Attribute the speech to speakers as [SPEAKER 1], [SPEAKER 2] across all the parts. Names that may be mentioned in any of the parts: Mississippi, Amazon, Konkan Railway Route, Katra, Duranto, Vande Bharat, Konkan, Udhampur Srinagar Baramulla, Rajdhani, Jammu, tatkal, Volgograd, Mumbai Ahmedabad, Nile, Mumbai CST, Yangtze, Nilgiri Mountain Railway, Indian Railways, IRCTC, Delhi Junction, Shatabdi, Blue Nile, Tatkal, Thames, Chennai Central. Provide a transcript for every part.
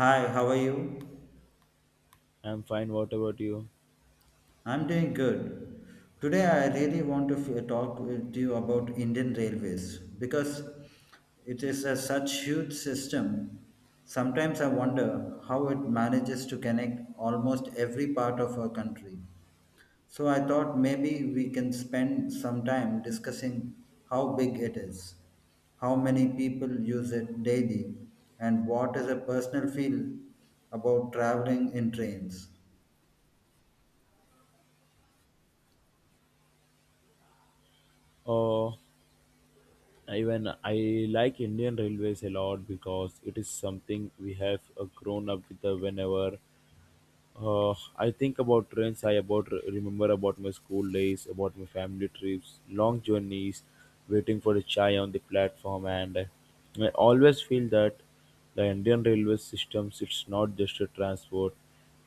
[SPEAKER 1] Hi, how are you?
[SPEAKER 2] I'm fine. What about you?
[SPEAKER 1] I'm doing good. Today, I really want to talk with you about Indian Railways because it is a such huge system. Sometimes I wonder how it manages to connect almost every part of our country. So I thought maybe we can spend some time discussing how big it is, how many people use it daily, and what is a personal feel about traveling in trains.
[SPEAKER 2] Oh, even I like Indian Railways a lot because it is something we have grown up with whenever I think about trains. I about remember about my school days, about my family trips, long journeys, waiting for a chai on the platform, and I always feel that the Indian railway system it's not just a transport,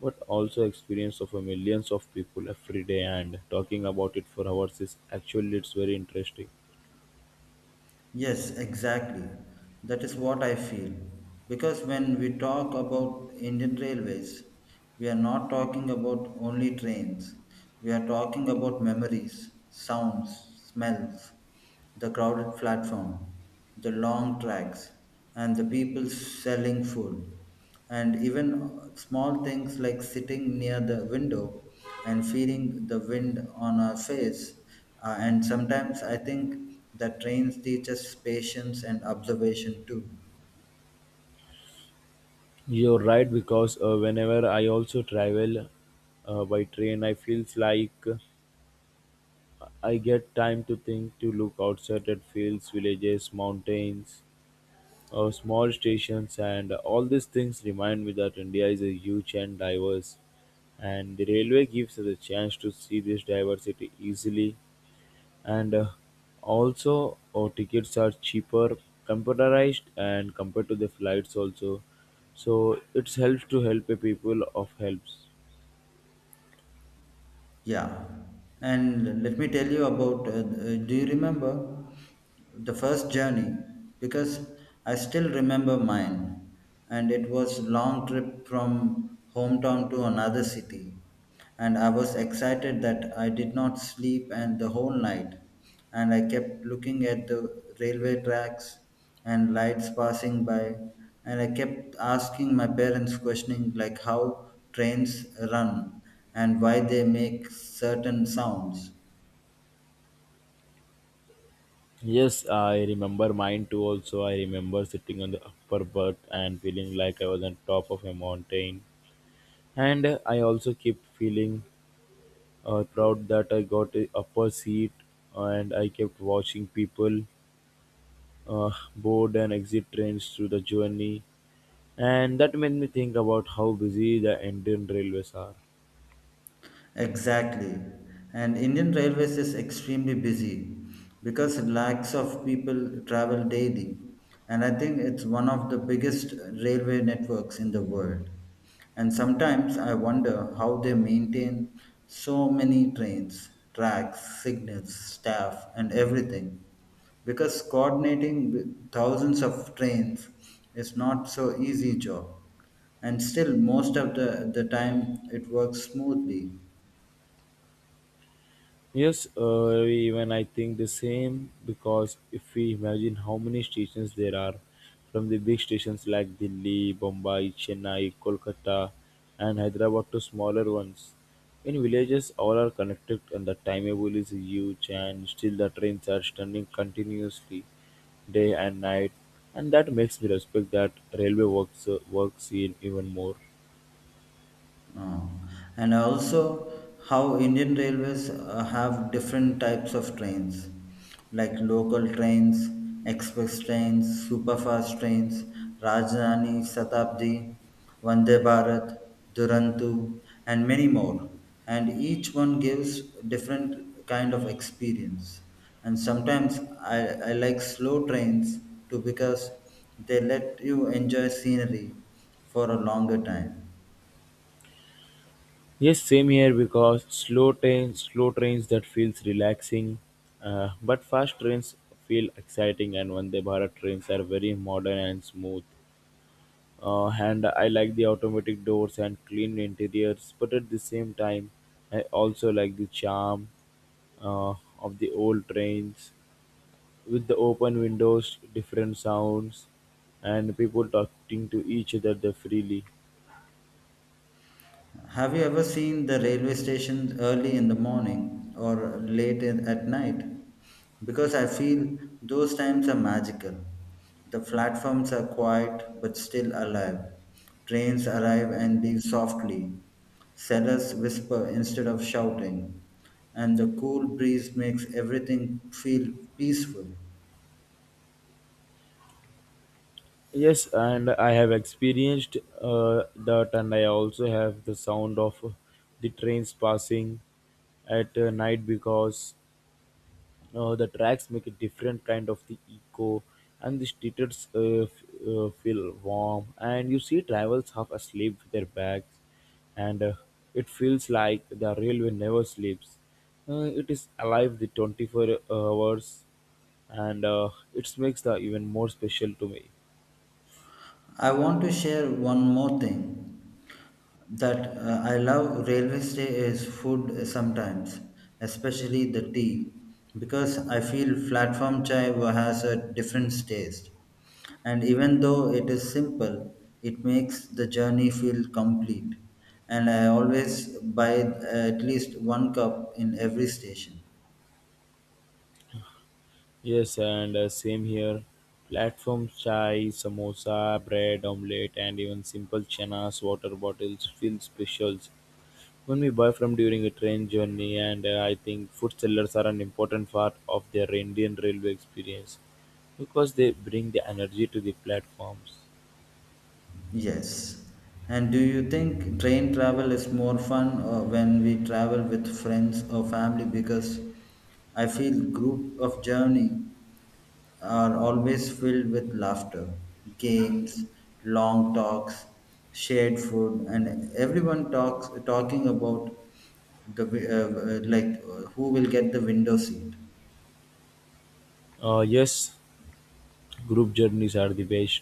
[SPEAKER 2] but also experience of a millions of people every day. And talking about it for hours is actually it's very interesting.
[SPEAKER 1] Yes, exactly. That is what I feel. Because when we talk about Indian railways, we are not talking about only trains. We are talking about memories, sounds, smells, the crowded platform, the long tracks, and the people selling food and even small things like sitting near the window and feeling the wind on our face. And sometimes I think that trains teach us patience and observation too.
[SPEAKER 2] You're right because whenever I also travel by train, I feels like. I get time to think, to look outside at fields, villages, mountains, small stations, and all these things remind me that India is a huge and diverse. And the railway gives us a chance to see this diversity easily. And Also, our tickets are cheaper, computerized, and compared to the flights also. So it helps to help a people of helps.
[SPEAKER 1] Yeah, and let me tell you about do you remember the first journey, because I still remember mine, and it was long trip from hometown to another city, and I was excited that I did not sleep and the whole night, and I kept looking at the railway tracks and lights passing by, and I kept asking my parents questioning like how trains run and why they make certain sounds.
[SPEAKER 2] Yes, I remember mine too. Also, I remember sitting on the upper berth and feeling like I was on top of a mountain. And I also kept feeling proud that I got a upper seat, and I kept watching people board and exit trains through the journey. And that made me think about how busy the Indian railways are.
[SPEAKER 1] Exactly. And Indian Railways is extremely busy because lakhs of people travel daily. And I think it's one of the biggest railway networks in the world. And sometimes I wonder how they maintain so many trains, tracks, signals, staff, and everything. Because coordinating with thousands of trains is not so easy job. And still most of the time it works smoothly.
[SPEAKER 2] Yes, even I think the same because if we imagine how many stations there are, from the big stations like Delhi, Bombay, Chennai, Kolkata, and Hyderabad to smaller ones. In villages, all are connected, and the timetable is huge, and still the trains are standing continuously, day and night, and that makes me respect that railway works in even more.
[SPEAKER 1] Uh, and also how Indian railways have different types of trains, like local trains, express trains, superfast trains, Rajdhani, Shatabdi, Vande Bharat, Duranto, and many more. And each one gives different kind of experience. And sometimes I like slow trains too, because they let you enjoy scenery for a longer time.
[SPEAKER 2] Yes, same here because slow trains that feels relaxing, but fast trains feel exciting, and Vande Bharat trains are very modern and smooth. And I like the automatic doors and clean interiors, but at the same time, I also like the charm uh, of the old trains with the open windows, different sounds, and people talking to each other freely.
[SPEAKER 1] Have you ever seen the railway station early in the morning or late in, at night? Because I feel those times are magical. The platforms are quiet but still alive. Trains arrive and leave softly. Sellers whisper instead of shouting. And the cool breeze makes everything feel peaceful.
[SPEAKER 2] Yes, and I have experienced that, and I also have the sound of the trains passing at night because the tracks make a different kind of the echo, and the streets feel warm, and you see travels half asleep with their bags, and it feels like the railway never sleeps. It is alive the 24 hours, and it makes the even more special to me.
[SPEAKER 1] I want to share one more thing, that I love railway stay is food sometimes, especially the tea, because I feel platform chai has a different taste. And even though it is simple, it makes the journey feel complete. And I always buy at least one cup in every station.
[SPEAKER 2] Yes, and same here. Platform chai, samosa, bread, omelette, and even simple chanas, water bottles feel specials when we buy from during a train journey. And I think food sellers are an important part of their Indian railway experience because they bring the energy to the platforms.
[SPEAKER 1] Yes. And do you think train travel is more fun when we travel with friends or family? Because I feel group of journey are always filled with laughter, games, long talks, shared food, and everyone talks talking about the who will get the window seat.
[SPEAKER 2] Yes, group journeys are the best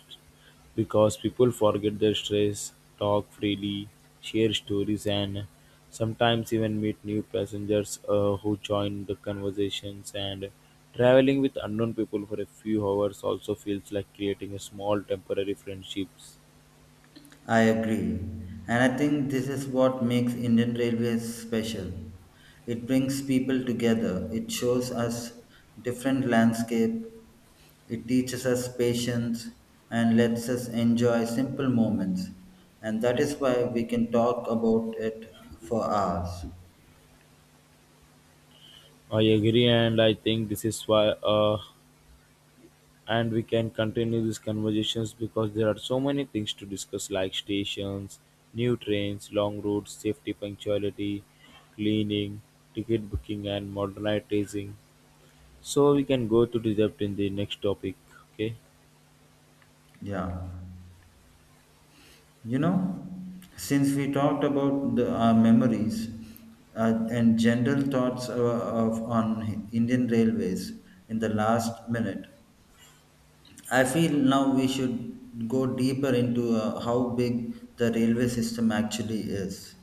[SPEAKER 2] because people forget their stress, talk freely, share stories, and sometimes even meet new passengers who join the conversations. And traveling with unknown people for a few hours also feels like creating a small temporary friendships.
[SPEAKER 1] I agree. And I think this is what makes Indian Railways special. It brings people together, it shows us different landscape, it teaches us patience and lets us enjoy simple moments. And that is why we can talk about it for hours.
[SPEAKER 2] I agree, and I think this is why. And we can continue these conversations because there are so many things to discuss like stations, new trains, long routes, safety, punctuality, cleaning, ticket booking, and modernizing. So we can go to the depth in the next topic. Okay.
[SPEAKER 1] Yeah. You know, since we talked about our memories and general thoughts on Indian railways in the last minute, I feel now we should go deeper into how big the railway system actually is.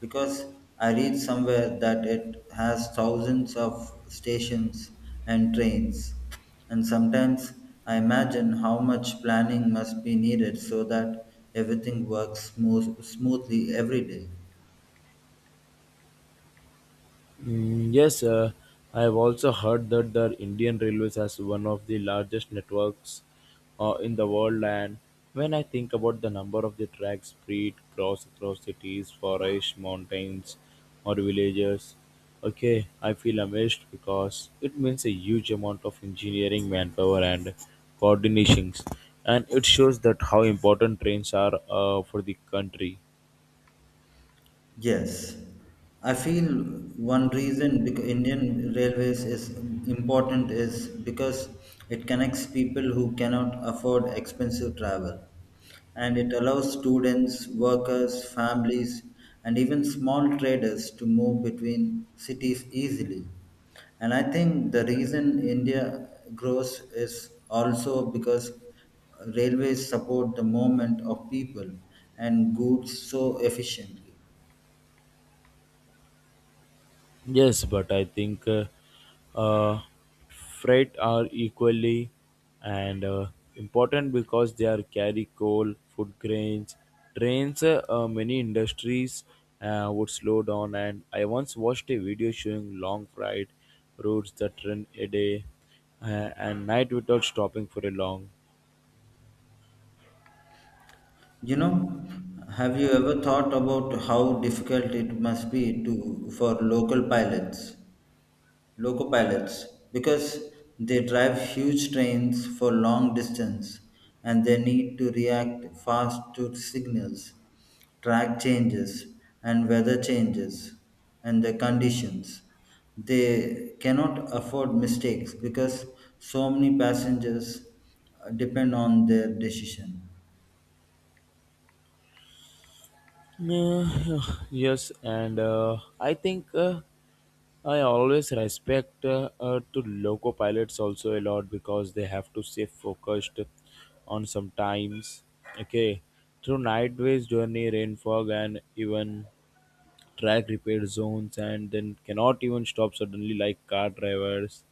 [SPEAKER 1] Because I read somewhere that it has thousands of stations and trains. And sometimes I imagine how much planning must be needed so that everything works smoothly every day.
[SPEAKER 2] Yes, I have also heard that the Indian Railways has one of the largest networks in the world. And when I think about the number of the tracks spread cross across cities, forests, mountains, or villages, okay, I feel amazed because it means a huge amount of engineering manpower and coordinations, and it shows that how important trains are for the country.
[SPEAKER 1] Yes, I feel one reason Indian Railways is important is because it connects people who cannot afford expensive travel, and it allows students, workers, families, and even small traders to move between cities easily. And I think the reason India grows is also because railways support the movement of people and goods so efficiently.
[SPEAKER 2] Yes, but I think uh, freight are equally and important because they are carry coal, food grains, trains. Many industries would slow down, and I once watched a video showing long freight routes that run a day uh, and night without stopping for a long.
[SPEAKER 1] You know, have you ever thought about how difficult it must be to for local pilots, because they drive huge trains for long distance, and they need to react fast to signals, track changes, and weather changes, and the conditions. They cannot afford mistakes because so many passengers depend on their decision.
[SPEAKER 2] Uh, yes, and I think I always respect to loco pilots also a lot because they have to stay focused on sometimes. Okay, through night waves journey, rain fog, and even track repair zones, and then cannot even stop suddenly like car drivers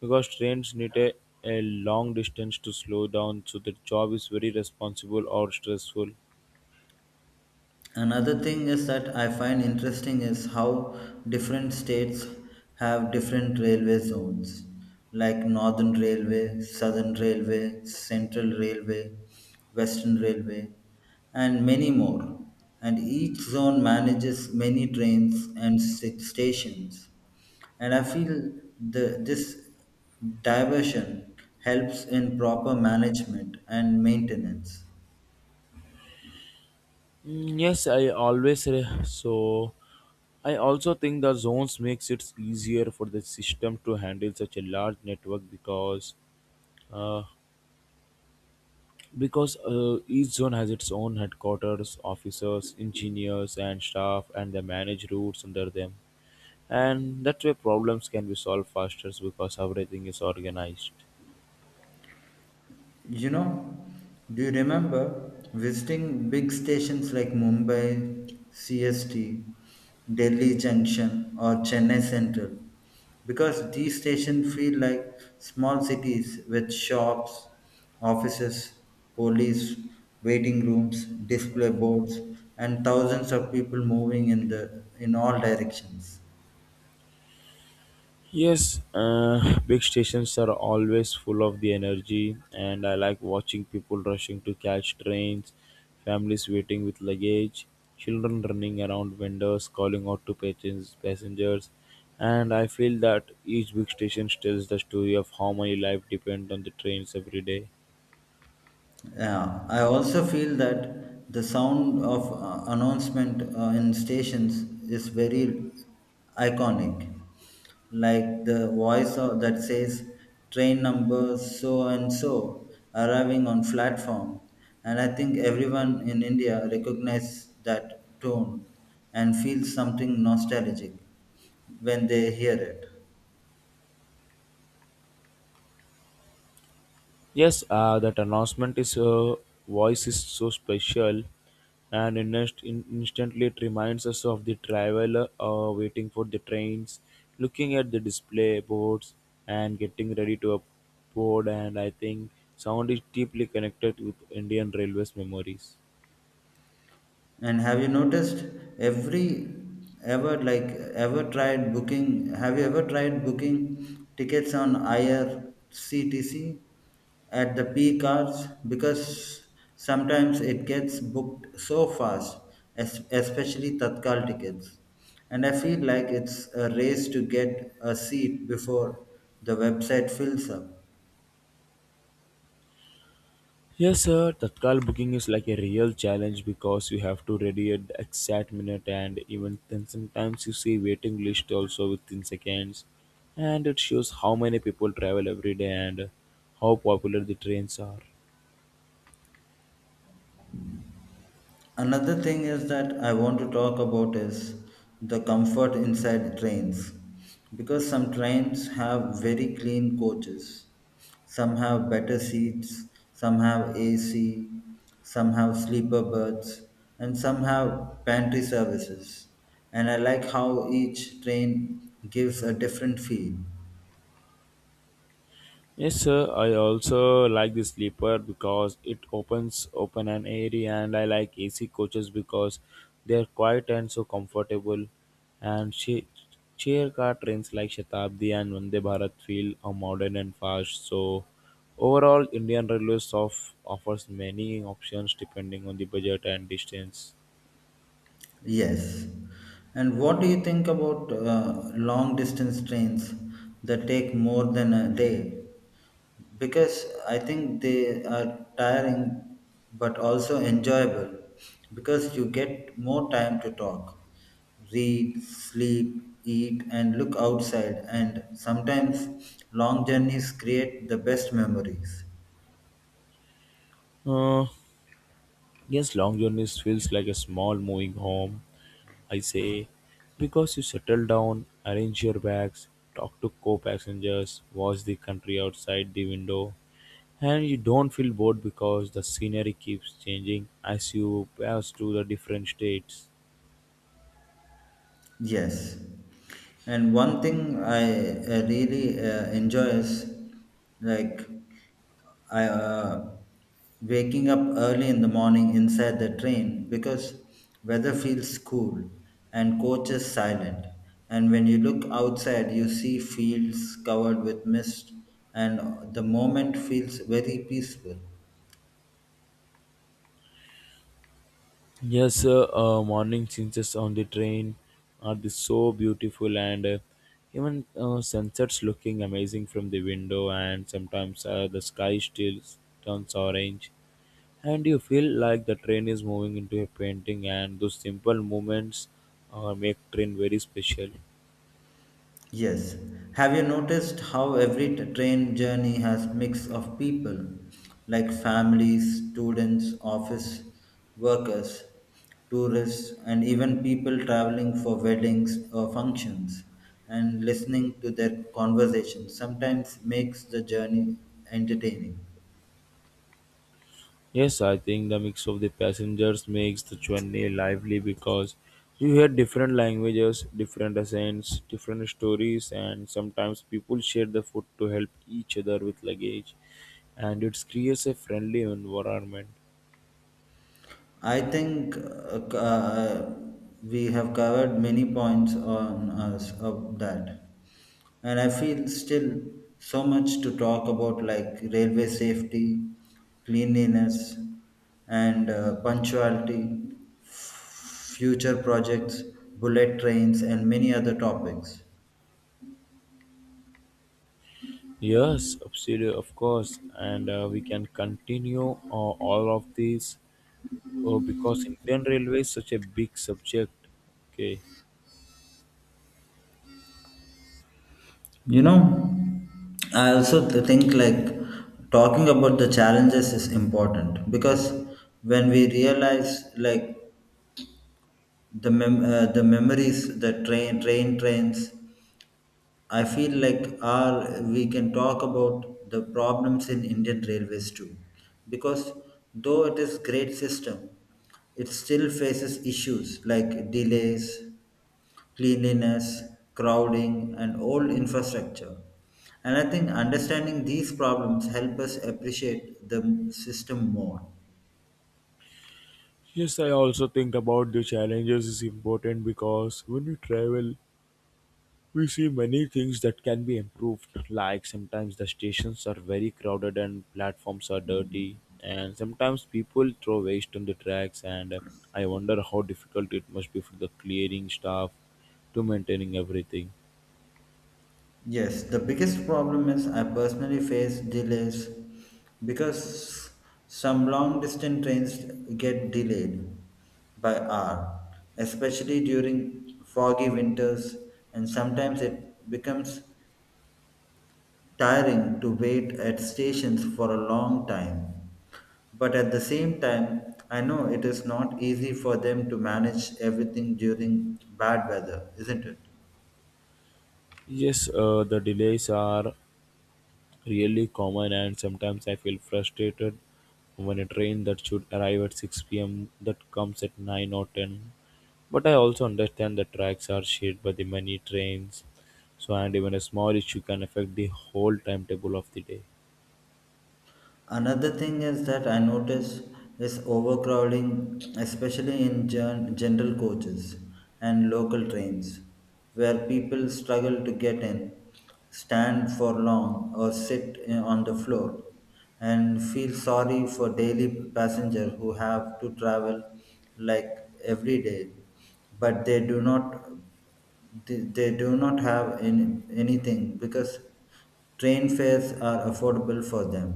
[SPEAKER 2] because trains need a long distance to slow down. So the job is very responsible or stressful.
[SPEAKER 1] Another thing is that I find interesting is how different states have different railway zones, like Northern Railway, Southern Railway, Central Railway, Western Railway, and many more. And each zone manages many trains and stations. And I feel this diversion helps in proper management and maintenance.
[SPEAKER 2] Yes, I always re- so I also think the zones makes it easier for the system to handle such a large network uh, because each zone has its own headquarters, officers, engineers, and staff, and they manage routes under them, and that way problems can be solved faster because everything is organized.
[SPEAKER 1] You know, do you remember visiting big stations like Mumbai, CST, Delhi Junction, or Chennai Central? Because these stations feel like small cities with shops, offices, police, waiting rooms, display boards, and thousands of people moving in the in all directions.
[SPEAKER 2] Yes, big stations are always full of the energy, and I like watching people rushing to catch trains, families waiting with luggage, children running around vendors calling out to patrons, passengers, and I feel that each big station tells the story of how many life depend on the trains every day.
[SPEAKER 1] Yeah, I also feel that the sound of announcement in stations is very iconic. Like the voice of, that says train number so and so arriving on platform. And I think everyone in India recognizes that tone and feels something nostalgic when they hear it.
[SPEAKER 2] Yes, that announcement is voice is so special, and instantly it reminds us of the traveler waiting for the trains, looking at the display boards, and getting ready to board. And I think sound is deeply connected with Indian Railways memories.
[SPEAKER 1] And have you noticed every ever like ever tried booking? Have you ever tried booking tickets on IRCTC at the peak hours? Because sometimes it gets booked so fast, especially tatkal tickets. And I feel like it's a race to get a seat before the website fills up.
[SPEAKER 2] Yes, sir. Tatkal booking is like a real challenge because you have to ready at the exact minute, and even then, sometimes you see waiting list also within seconds, and it shows how many people travel every day and how popular the trains are.
[SPEAKER 1] Another thing is that I want to talk about is the comfort inside trains, because some trains have very clean coaches. Some have better seats, some have AC, some have sleeper berths, and some have pantry services. And I like how each train gives a different feel.
[SPEAKER 2] Yes, sir. I also like the sleeper because it opens open and airy, and I like AC coaches because they are quiet and so comfortable. And she, Chair car trains like Shatabdi and Vande Bharat feel are modern and fast. So overall, Indian Railways offers many options depending on the budget and distance.
[SPEAKER 1] Yes. And what do you think about long distance trains that take more than a day? Because I think they are tiring but also enjoyable, because you get more time to talk, read, sleep, eat, and look outside. And sometimes long journeys create the best memories.
[SPEAKER 2] Uh, yes, long journeys feels like a small moving home, I say, because you settle down, arrange your bags, talk to co passengers, watch the country outside the window, and you don't feel bored because the scenery keeps changing as you pass through the different states.
[SPEAKER 1] Yes. And one thing I really enjoy is like I, uh, waking up early in the morning inside the train, because weather feels cool and coach is silent, and when you look outside you see fields covered with mist, and the moment feels very peaceful.
[SPEAKER 2] Yes, sir, morning changes on the train are the so beautiful, and even sunsets looking amazing from the window, and sometimes the sky still turns orange, and you feel like the train is moving into a painting, and those simple moments make train very special.
[SPEAKER 1] Yes. Have you noticed how every train journey has mix of people, like families, students, office workers, tourists, and even people traveling for weddings or functions, and listening to their conversations sometimes makes the journey entertaining.
[SPEAKER 2] Yes, I think the mix of the passengers makes the journey lively because you hear different languages, different accents, different stories, and sometimes people share the food to help each other with luggage, and it creates a friendly environment.
[SPEAKER 1] I think we have covered many points on us of that, and I feel still so much to talk about, like railway safety, cleanliness, and punctuality, future projects, bullet trains, and many other topics.
[SPEAKER 2] Yes, absolutely, of course. And we can continue all of these. Oh, because Indian Railway is such a big subject. Okay.
[SPEAKER 1] You know, I also think like talking about the challenges is important, because when we realize like the the memories the trains, I feel like are we can talk about the problems in indian railways too, because though it is great system, it still faces issues like delays, cleanliness, crowding, and old infrastructure, and I think understanding these problems help us appreciate the system more.
[SPEAKER 2] Yes, I also think about the challenges is important because when we travel, we see many things that can be improved. Like sometimes the stations are very crowded and platforms are dirty, and sometimes people throw waste on the tracks. And I wonder how difficult it must be for the clearing staff to maintaining everything.
[SPEAKER 1] Yes, the biggest problem is I personally face delays, because some long distance trains get delayed by hour, especially during foggy winters, and sometimes it becomes tiring to wait at stations for a long time. But at the same time, I know it is not easy for them to manage everything during bad weather, isn't it?
[SPEAKER 2] Yes, the delays are really common, and sometimes I feel frustrated when a train that should arrive at 6 p.m. that comes at 9 or 10. But I also understand that tracks are shared by the many trains, so and even a small issue can affect the whole timetable of the day.
[SPEAKER 1] Another thing is that I notice is overcrowding, especially in general coaches and local trains, where people struggle to get in, stand for long, or sit on the floor, and feel sorry for daily passengers who have to travel like every day, but they do not they do not have any, anything because train fares are affordable for them.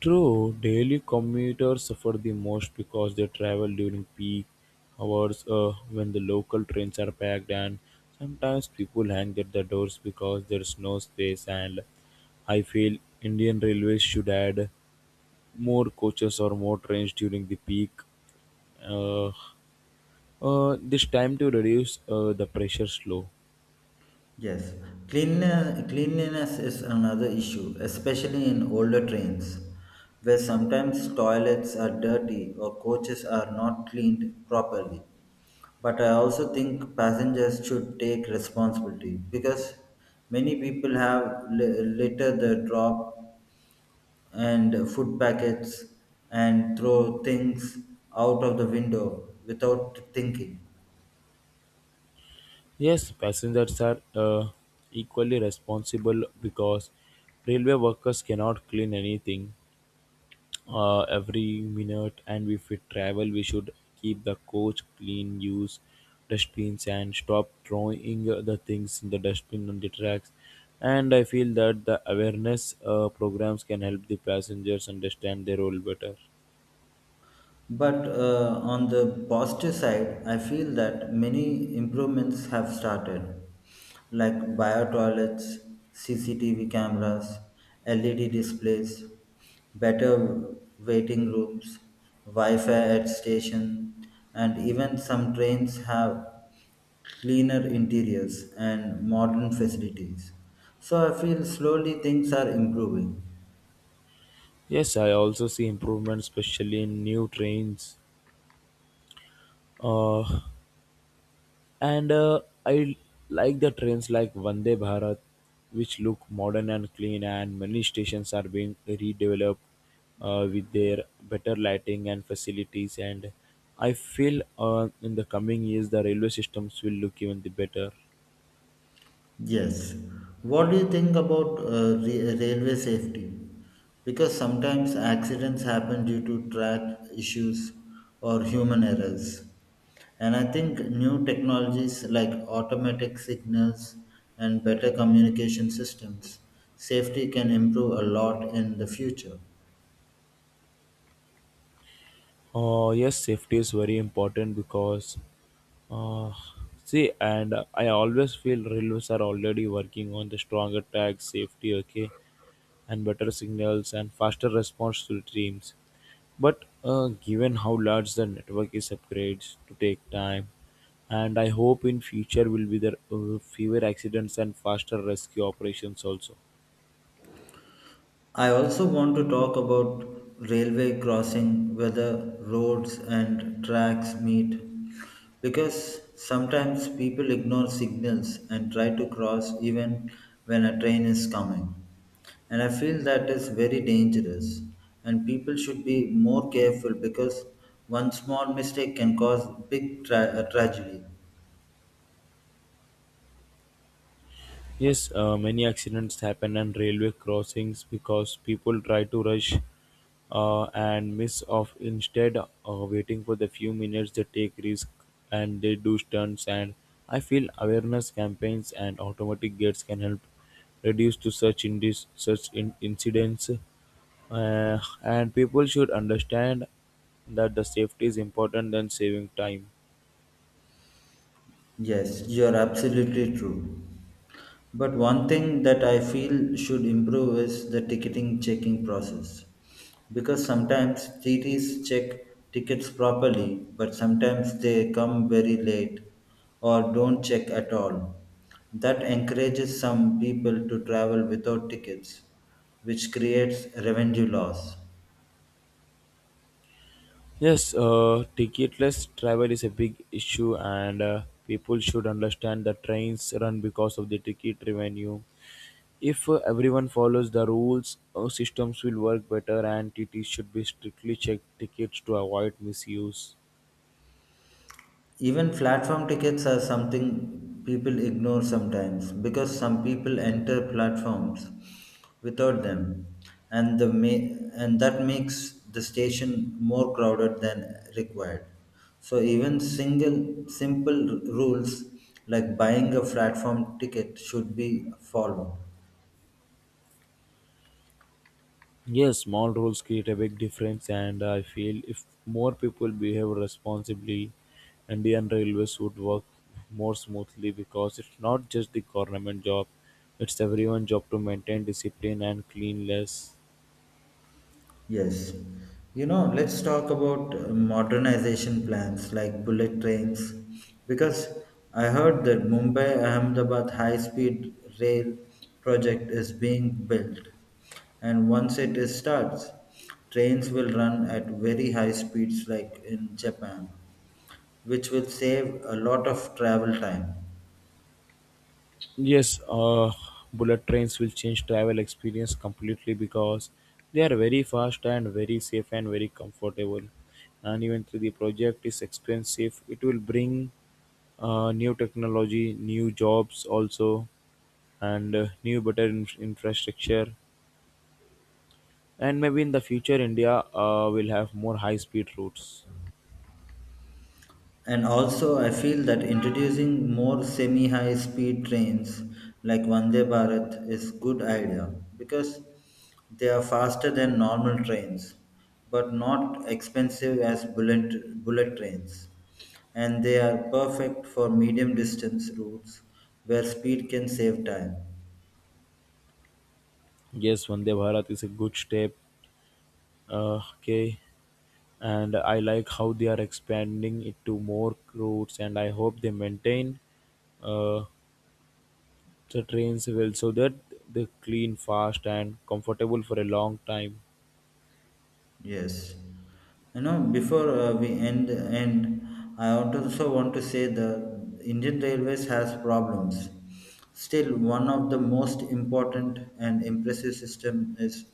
[SPEAKER 2] True, daily commuters suffer the most because they travel during peak hours when the local trains are packed, and sometimes people hang at the doors because there's no space. And I feel Indian Railways should add more coaches or more trains during the peak. Uh, this time to reduce the pressure slow.
[SPEAKER 1] Yes, cleanliness is another issue, especially in older trains, where sometimes toilets are dirty or coaches are not cleaned properly. But I also think passengers should take responsibility because many people have litter the drop and food packets and throw things out of the window without thinking.
[SPEAKER 2] Yes, passengers are equally responsible because railway workers cannot clean anything every minute. And if we travel, we should keep the coach clean, use dustbins, and stop throwing the things in the dustbin on the tracks. And I feel that the awareness programs can help the passengers understand their role better.
[SPEAKER 1] But on the positive side, I feel that many improvements have started, like bio toilets, CCTV cameras, LED displays, better waiting rooms, Wi-Fi at station, and even some trains have cleaner interiors and modern facilities. So I feel slowly things are improving.
[SPEAKER 2] Yes, I also see improvement, especially in new trains. Uh, and I like the trains like Vande Bharat, which look modern and clean, and many stations are being redeveloped with their better lighting and facilities. And I feel in the coming years the railway systems will look even the better.
[SPEAKER 1] Yes. What do you think about railway safety? Because sometimes accidents happen due to track issues or human errors. And I think new technologies like automatic signals and better communication systems, safety can improve a lot in the future.
[SPEAKER 2] Yes, safety is very important because uh, see, and I always feel railways are already working on the stronger track safety. Okay, and better signals and faster response to teams. But given how large the network is, upgrades to take time, and I hope in future will be there fewer accidents and faster rescue operations also.
[SPEAKER 1] I also want to talk about railway crossing, whether roads and tracks meet, because sometimes people ignore signals and try to cross even when a train is coming. And I feel that is very dangerous, and people should be more careful because one small mistake can cause big tragedy.
[SPEAKER 2] Yes, many accidents happen on railway crossings because people try to rush and miss off. Instead, waiting for the few minutes, they take risk and they do stunts. And I feel awareness campaigns and automatic gates can help reduce to such in incidents. And people should understand that the safety is important than saving time.
[SPEAKER 1] Yes, you are absolutely true. But one thing that I feel should improve is the ticketing checking process. Because sometimes TTs check tickets properly, but sometimes they come very late or don't check at all. That encourages some people to travel without tickets, which creates revenue loss.
[SPEAKER 2] Yes, ticketless travel is a big issue, and people should understand that trains run because of the ticket revenue. If everyone follows the rules, systems will work better, and TTs should be strictly checked tickets to avoid misuse.
[SPEAKER 1] Even platform tickets are something people ignore sometimes, because some people enter platforms without them, and the and that makes the station more crowded than required, so even single simple rules like buying a platform ticket should be followed.
[SPEAKER 2] Yes, small rules create a big difference, and I feel if more people behave responsibly, Indian railways would work more smoothly because it's not just the government job, it's everyone's job to maintain discipline and cleanliness.
[SPEAKER 1] Yes. You know, let's talk about modernization plans like bullet trains, because I heard that Mumbai Ahmedabad high speed rail project is being built, and once it is starts trains will run at very high speeds like in Japan, which will save a lot of travel time.
[SPEAKER 2] Yes, bullet trains will change travel experience completely because they are very fast and very safe and very comfortable. And even though the project is expensive, it will bring new technology, new jobs also, and new better infrastructure. And maybe in the future, India will have more high-speed routes.
[SPEAKER 1] And also, I feel that introducing more semi high speed trains like Vande Bharat is good idea, because they are faster than normal trains but not expensive as bullet trains. And they are perfect for medium distance routes where speed can save time.
[SPEAKER 2] Yes, Vande Bharat is a good step. Okay, and I like how they are expanding it to more routes, and I hope they maintain uh, the trains well so that they're clean, fast, and comfortable for a long time.
[SPEAKER 1] Yes, you know before we end end, I also want to say the Indian Railways has problems. Still, one of the most important and impressive system is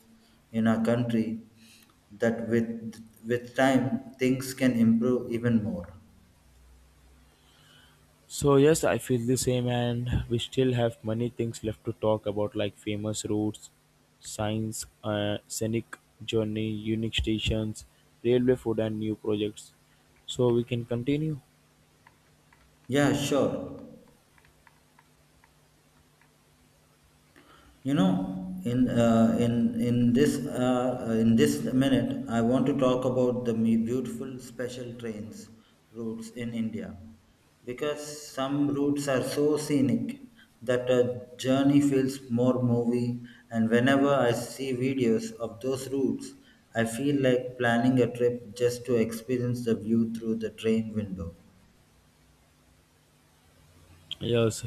[SPEAKER 1] in our country, that with time things can improve even more.
[SPEAKER 2] So yes, I feel the same, and we still have many things left to talk about like famous routes, signs, scenic journey, unique stations, railway food, and new projects. So we can continue.
[SPEAKER 1] Yeah, sure. You know, in this in this minute, I want to talk about the beautiful special trains routes in India, because some routes are so scenic that a journey feels more movie. And whenever I see videos of those routes, I feel like planning a trip just to experience the view through the train window.
[SPEAKER 2] Yes,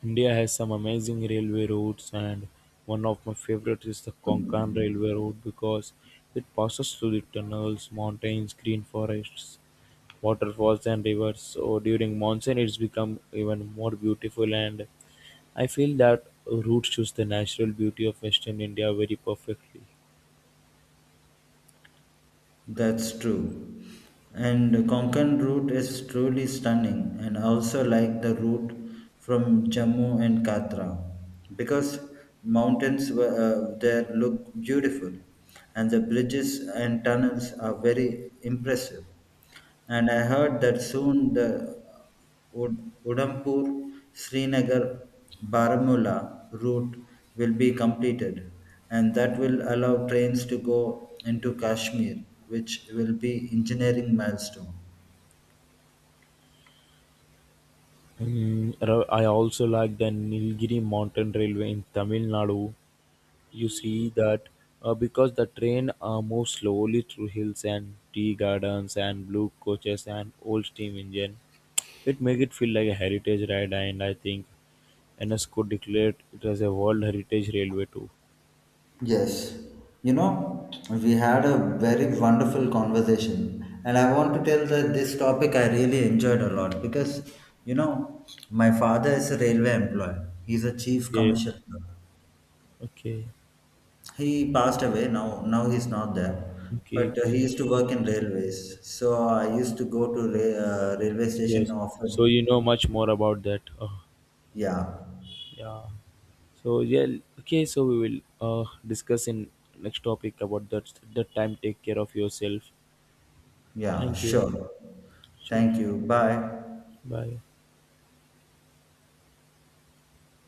[SPEAKER 2] India has some amazing railway routes, and one of my favorite is the Konkan Railway Route because it passes through the tunnels, mountains, green forests, waterfalls, and rivers. So during monsoon, it's become even more beautiful, and I feel that route shows the natural beauty of Western India very perfectly.
[SPEAKER 1] That's true. And Konkan route is truly stunning, and I also like the route from Jammu and Katra, because mountains were, there look beautiful, and the bridges and tunnels are very impressive. And I heard that soon the Udhampur Srinagar Baramulla route will be completed, and that will allow trains to go into Kashmir, which will be engineering milestone.
[SPEAKER 2] I also like the Nilgiri Mountain Railway in Tamil Nadu. You see that, because the train moves slowly through hills and tea gardens and blue coaches and old steam engine, it make it feel like a heritage ride. And I think UNESCO declared it as a world heritage railway too.
[SPEAKER 1] Yes, you know, we had a very wonderful conversation, and I want to tell that this topic I really enjoyed a lot because you know, my father is a railway employee, he's a chief
[SPEAKER 2] Okay.
[SPEAKER 1] commercial.
[SPEAKER 2] Okay.
[SPEAKER 1] He passed away. Now, now he's not there.
[SPEAKER 2] Okay.
[SPEAKER 1] But he
[SPEAKER 2] Okay.
[SPEAKER 1] used to work in railways. So I used to go to railway station
[SPEAKER 2] Yes, so
[SPEAKER 1] often.
[SPEAKER 2] you know much more about that. Oh,
[SPEAKER 1] Yeah,
[SPEAKER 2] yeah. So yeah. Okay, so we will discuss in next topic about that. That time take care of yourself.
[SPEAKER 1] yeah,
[SPEAKER 2] Thank you.
[SPEAKER 1] sure.
[SPEAKER 2] Sure.
[SPEAKER 1] Thank you. Bye.
[SPEAKER 2] Bye.